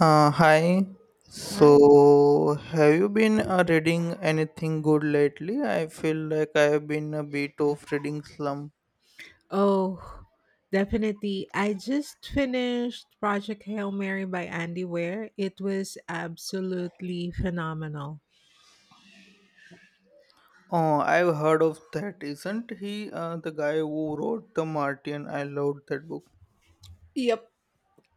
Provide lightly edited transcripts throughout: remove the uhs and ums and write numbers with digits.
Hi. Right. So, have you been reading anything good lately? I feel like I have been a bit of reading slump. Oh, definitely. I just finished Project Hail Mary by Andy Weir. It was absolutely phenomenal. Oh, I've heard of that. Isn't he the guy who wrote The Martian? I loved that book. Yep.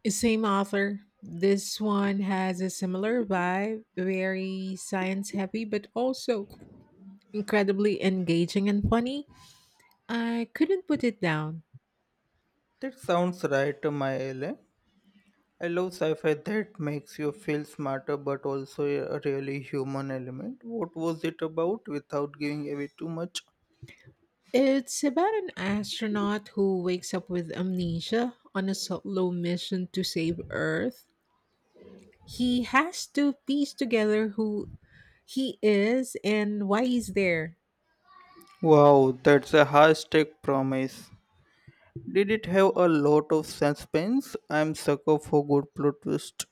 Same author. This one has a similar vibe, very science heavy, but also incredibly engaging and funny. I couldn't put it down. That sounds right to my LA. I love sci-fi that makes you feel smarter but also a really human element. What was it about without giving away too much? It's about an astronaut who wakes up with amnesia on a solo mission to save Earth. He has to piece together who he is and why he's there. Wow, that's a high stake promise. Did it have a lot of suspense? I'm sucker for good plot twist.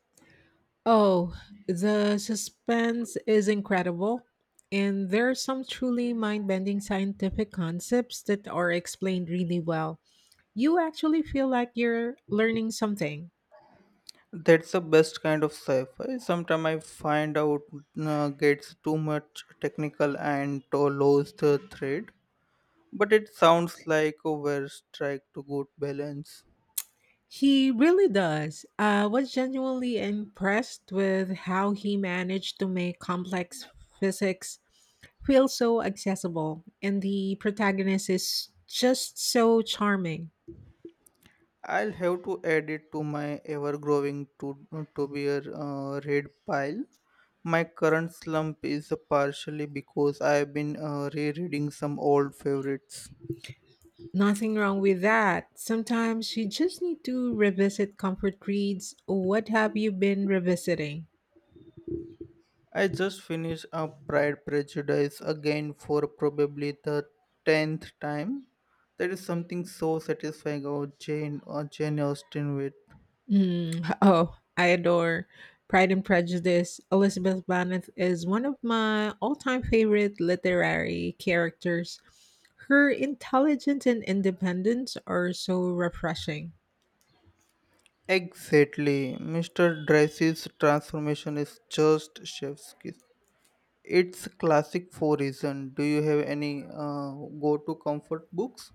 Oh, the suspense is incredible. And there are some truly mind bending scientific concepts that are explained really well. You actually feel like you're learning something. That's the best kind of sci-fi. Sometimes I find out gets too much technical and to lose the thread. But it sounds like a very strike to good balance. He really does. I was genuinely impressed with how he managed to make complex physics feel so accessible, and the protagonist is just so charming. I'll have to add it to my ever-growing to be a read pile. My current slump is partially because I've been rereading some old favorites. Nothing wrong with that. Sometimes you just need to revisit comfort reads. What have you been revisiting? I just finished a Pride Prejudice again for probably the tenth time. There is something so satisfying about Jane or Jane Austen with. Mm, oh, I adore Pride and Prejudice. Elizabeth Bennet is one of my all-time favorite literary characters. Her intelligence and independence are so refreshing. Exactly. Mr. Darcy's transformation is just chef's kiss. It's classic for reason. Do you have any go-to comfort books?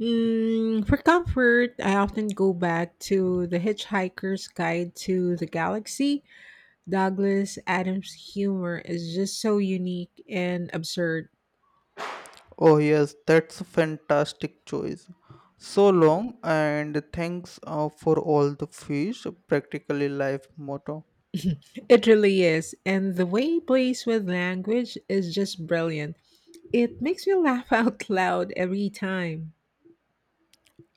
Mm, for comfort, I often go back to The Hitchhiker's Guide to the Galaxy. Douglas Adams' humor is just so unique and absurd. Oh yes, that's a fantastic choice. So long and thanks for all the fish, practically life motto. It really is. And the way he plays with language is just brilliant. It makes me laugh out loud every time.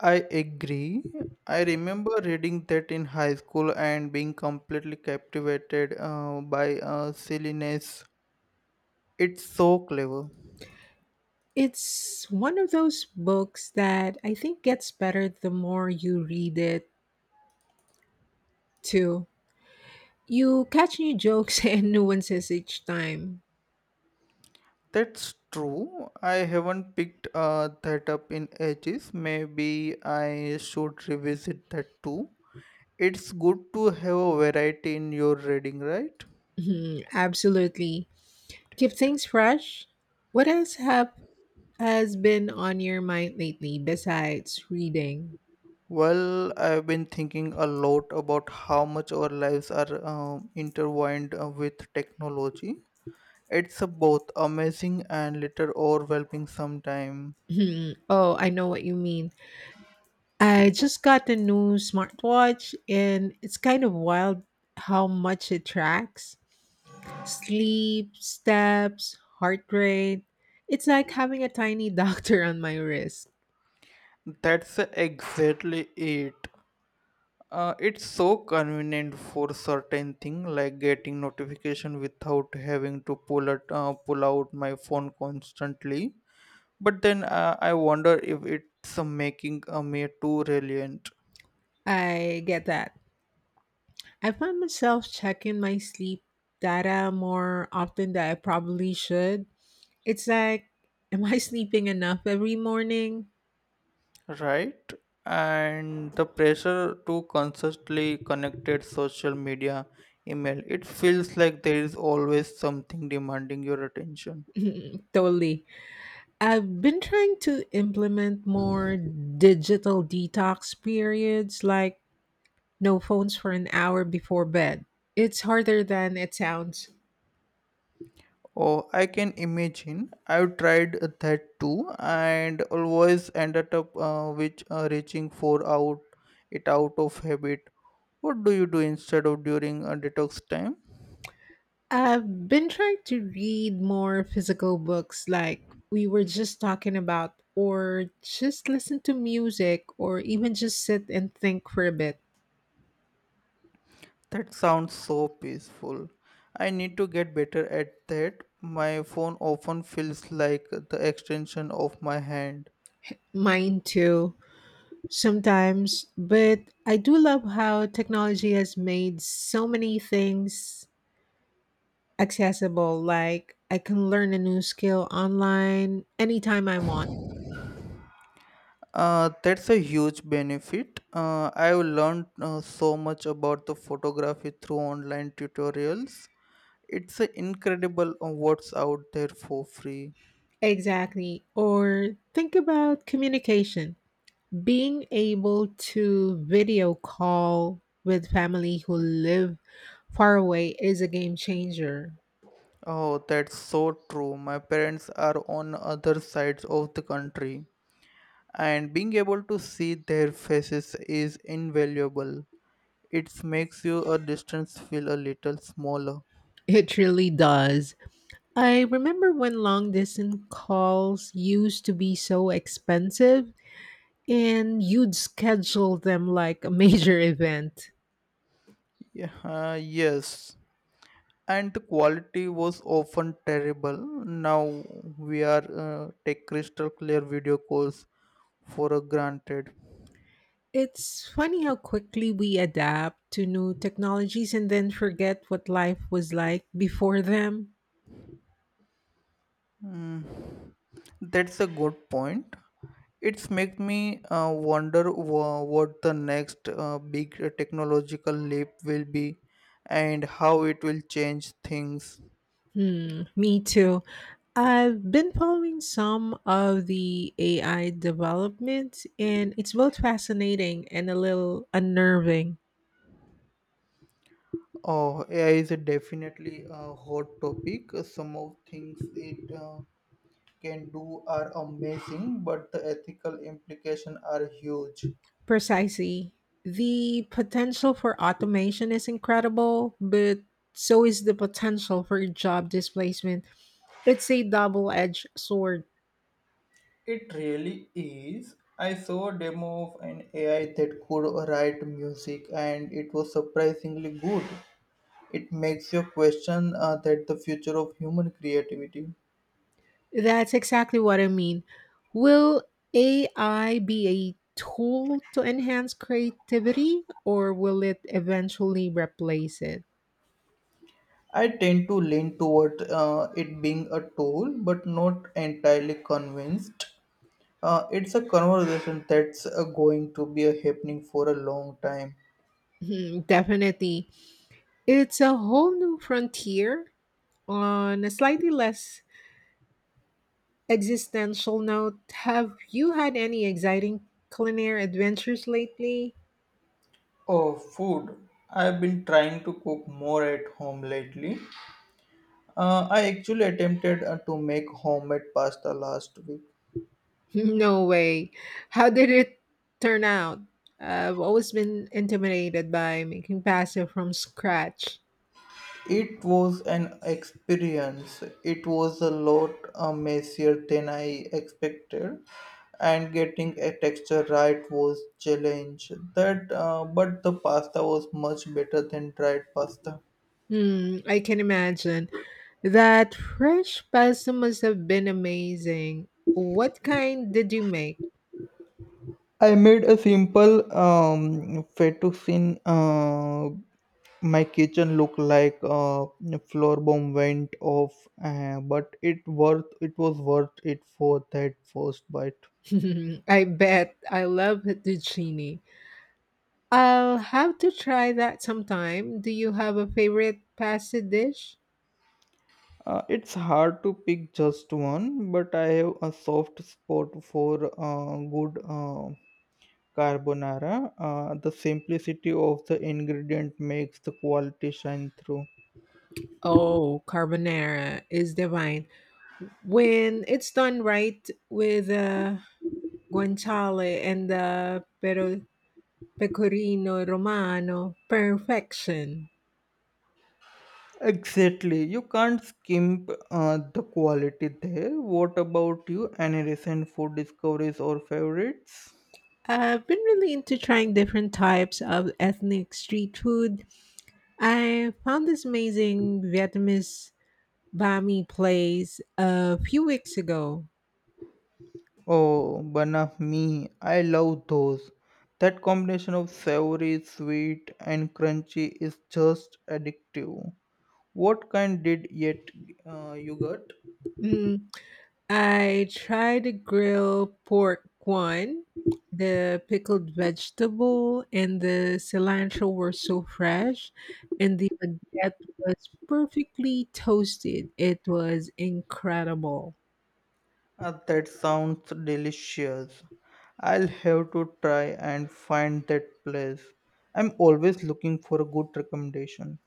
I agree. I remember reading that in high school and being completely captivated by silliness. It's so clever. It's one of those books that I think gets better the more you read it, too. You catch new jokes and nuances each time. That's true. I haven't picked that up in ages. Maybe I should revisit that too. It's good to have a variety in your reading, right? Mhm, absolutely. Keep things fresh. What else have has been on your mind lately besides reading? Well, I've been thinking a lot about how much our lives are intertwined with technology. It's both amazing and little overwhelming sometimes. Hmm, oh, I know what you mean. I just got a new smartwatch and it's kind of wild how much it tracks. Sleep, steps, heart rate. It's like having a tiny doctor on my wrist. That's exactly it. It's so convenient for certain thing like getting notification without having to pull out my phone constantly. But then I wonder if it's making me too reliant. I get that. I find myself checking my sleep data more often than I probably should. It's like, am I sleeping enough every morning? Right. And the pressure to constantly connected social media, email, it feels like there is always something demanding your attention. Totally. I've been trying to implement more digital detox periods, like no phones for an hour before bed. It's harder than it sounds. Oh, I can imagine. I've tried that too and always ended up which reaching for out it out of habit. What do you do instead of during a detox time? I've been trying to read more physical books, like we were just talking about, or just listen to music, or even just sit and think for a bit. That sounds so peaceful. I need to get better at that. My phone often feels like the extension of my hand. Mine too. Sometimes, but I do love how technology has made so many things accessible. Like I can learn a new skill online anytime I want. That's a huge benefit. I've learned so much about the photography through online tutorials. It's incredible what's out there for free. Exactly. Or think about communication. Being able to video call with family who live far away is a game changer. Oh, that's so true. My parents are on other sides of the country, and being able to see their faces is invaluable. It makes you a distance feel a little smaller. It really does. I remember when long distance calls used to be so expensive and you'd schedule them like a major event. Yeah, yes. And the quality was often terrible. Now we are take crystal clear video calls for a granted. It's funny how quickly we adapt to new technologies and then forget what life was like before them. Hmm. That's a good point. It's make me wonder what the next big technological leap will be and how it will change things. Hmm, me too. I've been following some of the AI developments, and it's both fascinating and a little unnerving. Oh, AI is a definitely a hot topic. Some of things it can do are amazing, but the ethical implications are huge. Precisely. The potential for automation is incredible, but so is the potential for job displacement. It's a double edged sword. It really is. I saw a demo of an AI that could write music, and it was surprisingly good. It makes you question that the future of human creativity. That's exactly what I mean. Will AI be a tool to enhance creativity, or will it eventually replace it? I tend to lean toward it being a tool, but not entirely convinced. It's a conversation that's going to be a happening for a long time. Hmm, definitely. It's a whole new frontier. On a slightly less existential note, have you had any exciting culinary adventures lately? Oh, food. I've been trying to cook more at home lately. I actually attempted to make homemade pasta last week. No way. How did it turn out? I've always been intimidated by making pasta from scratch. It was an experience. It was a lot messier than I expected, and getting a texture right was challenge. But the pasta was much better than dried pasta. Hmm, I can imagine. That fresh pasta must have been amazing. What kind did you make? I made a simple fettuccine. My kitchen looked like a floor bomb went off, but it was worth it for that first bite. I bet. I love the genie. I'll have to try that sometime. Do you have a favorite pasta dish? It's hard to pick just one, but I have a soft spot for good carbonara. The simplicity of the ingredient makes the quality shine through. Oh, carbonara is divine. When it's done right with guanciale and the pero pecorino romano, perfection. Exactly. You can't skimp the quality there. What about you? Any recent food discoveries or favorites? I've been really into trying different types of ethnic street food. I found this amazing Vietnamese Bami place a few weeks ago. Oh, bana me. I love those. That combination of savory, sweet, and crunchy is just addictive. What kind did yet you got? Mm, I tried the grilled pork one. The pickled vegetable and the cilantro were so fresh, and the baguette was perfectly toasted. It was incredible. Ah, that sounds delicious. I'll have to try and find that place. I'm always looking for a good recommendation.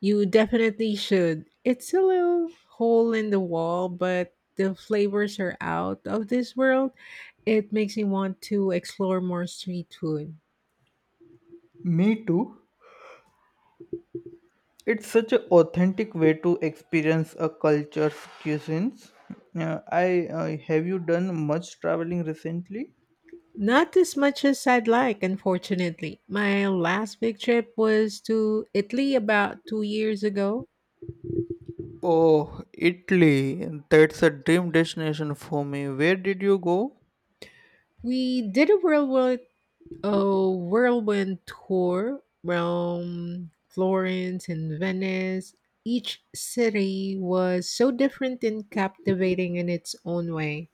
You definitely should. It's a little hole in the wall, but the flavors are out of this world. It makes me want to explore more street food. Me too. It's such an authentic way to experience a culture's cuisines. I Have you done much traveling recently? Not as much as I'd like, unfortunately. My last big trip was to Italy about 2 years ago. Oh, Italy. That's a dream destination for me. Where did you go? We did a whirlwind tour, Rome, Florence, and Venice. Each city was so different and captivating in its own way.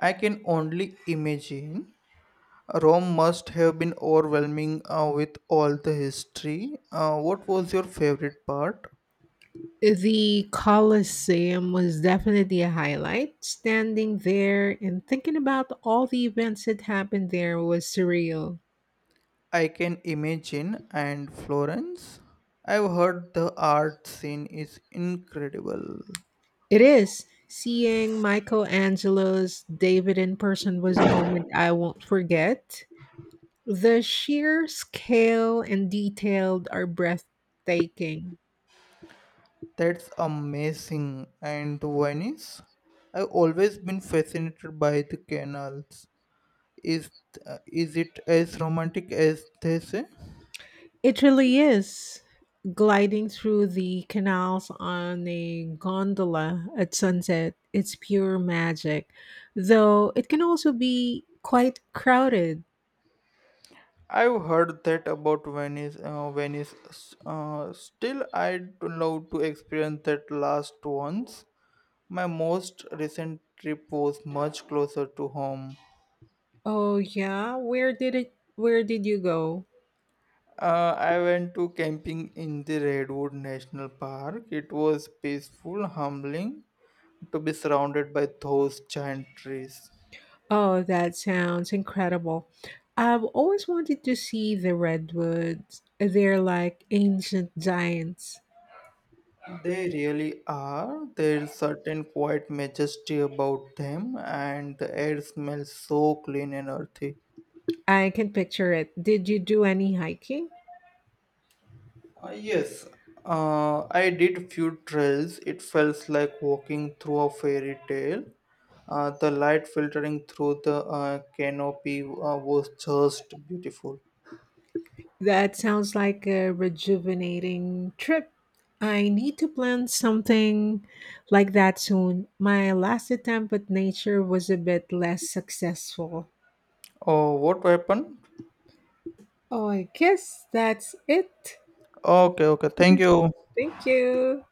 I can only imagine. Rome must have been overwhelming with all the history. What was your favorite part? The Colosseum was definitely a highlight. Standing there and thinking about all the events that happened there was surreal. I can imagine and Florence. I've heard the art scene is incredible. It is. Seeing Michelangelo's David in person was a moment I won't forget. The sheer scale and detail are breathtaking. That's amazing. And Venice? I've always been fascinated by the canals. Is is it as romantic as they say? It really is. Gliding through the canals on a gondola at sunset, it's pure magic. Though it can also be quite crowded. I've heard that about Venice. Still, I'd love to experience that last once. My most recent trip was much closer to home. Oh yeah, where did you go? I went to camping in the Redwood National Park. It was peaceful, humbling to be surrounded by those giant trees. Oh, that sounds incredible. I've always wanted to see the redwoods. They're like ancient giants. They really are. There's certain quiet majesty about them, and the air smells so clean and earthy. I can picture it. Did you do any hiking? Yes, I did few trails. It felt like walking through a fairy tale. The light filtering through the canopy was just beautiful. That sounds like a rejuvenating trip. I need to plan something like that soon. My last attempt at nature was a bit less successful. Oh, what weapon? Oh, I guess that's it. Okay, okay. Thank you. Thank you.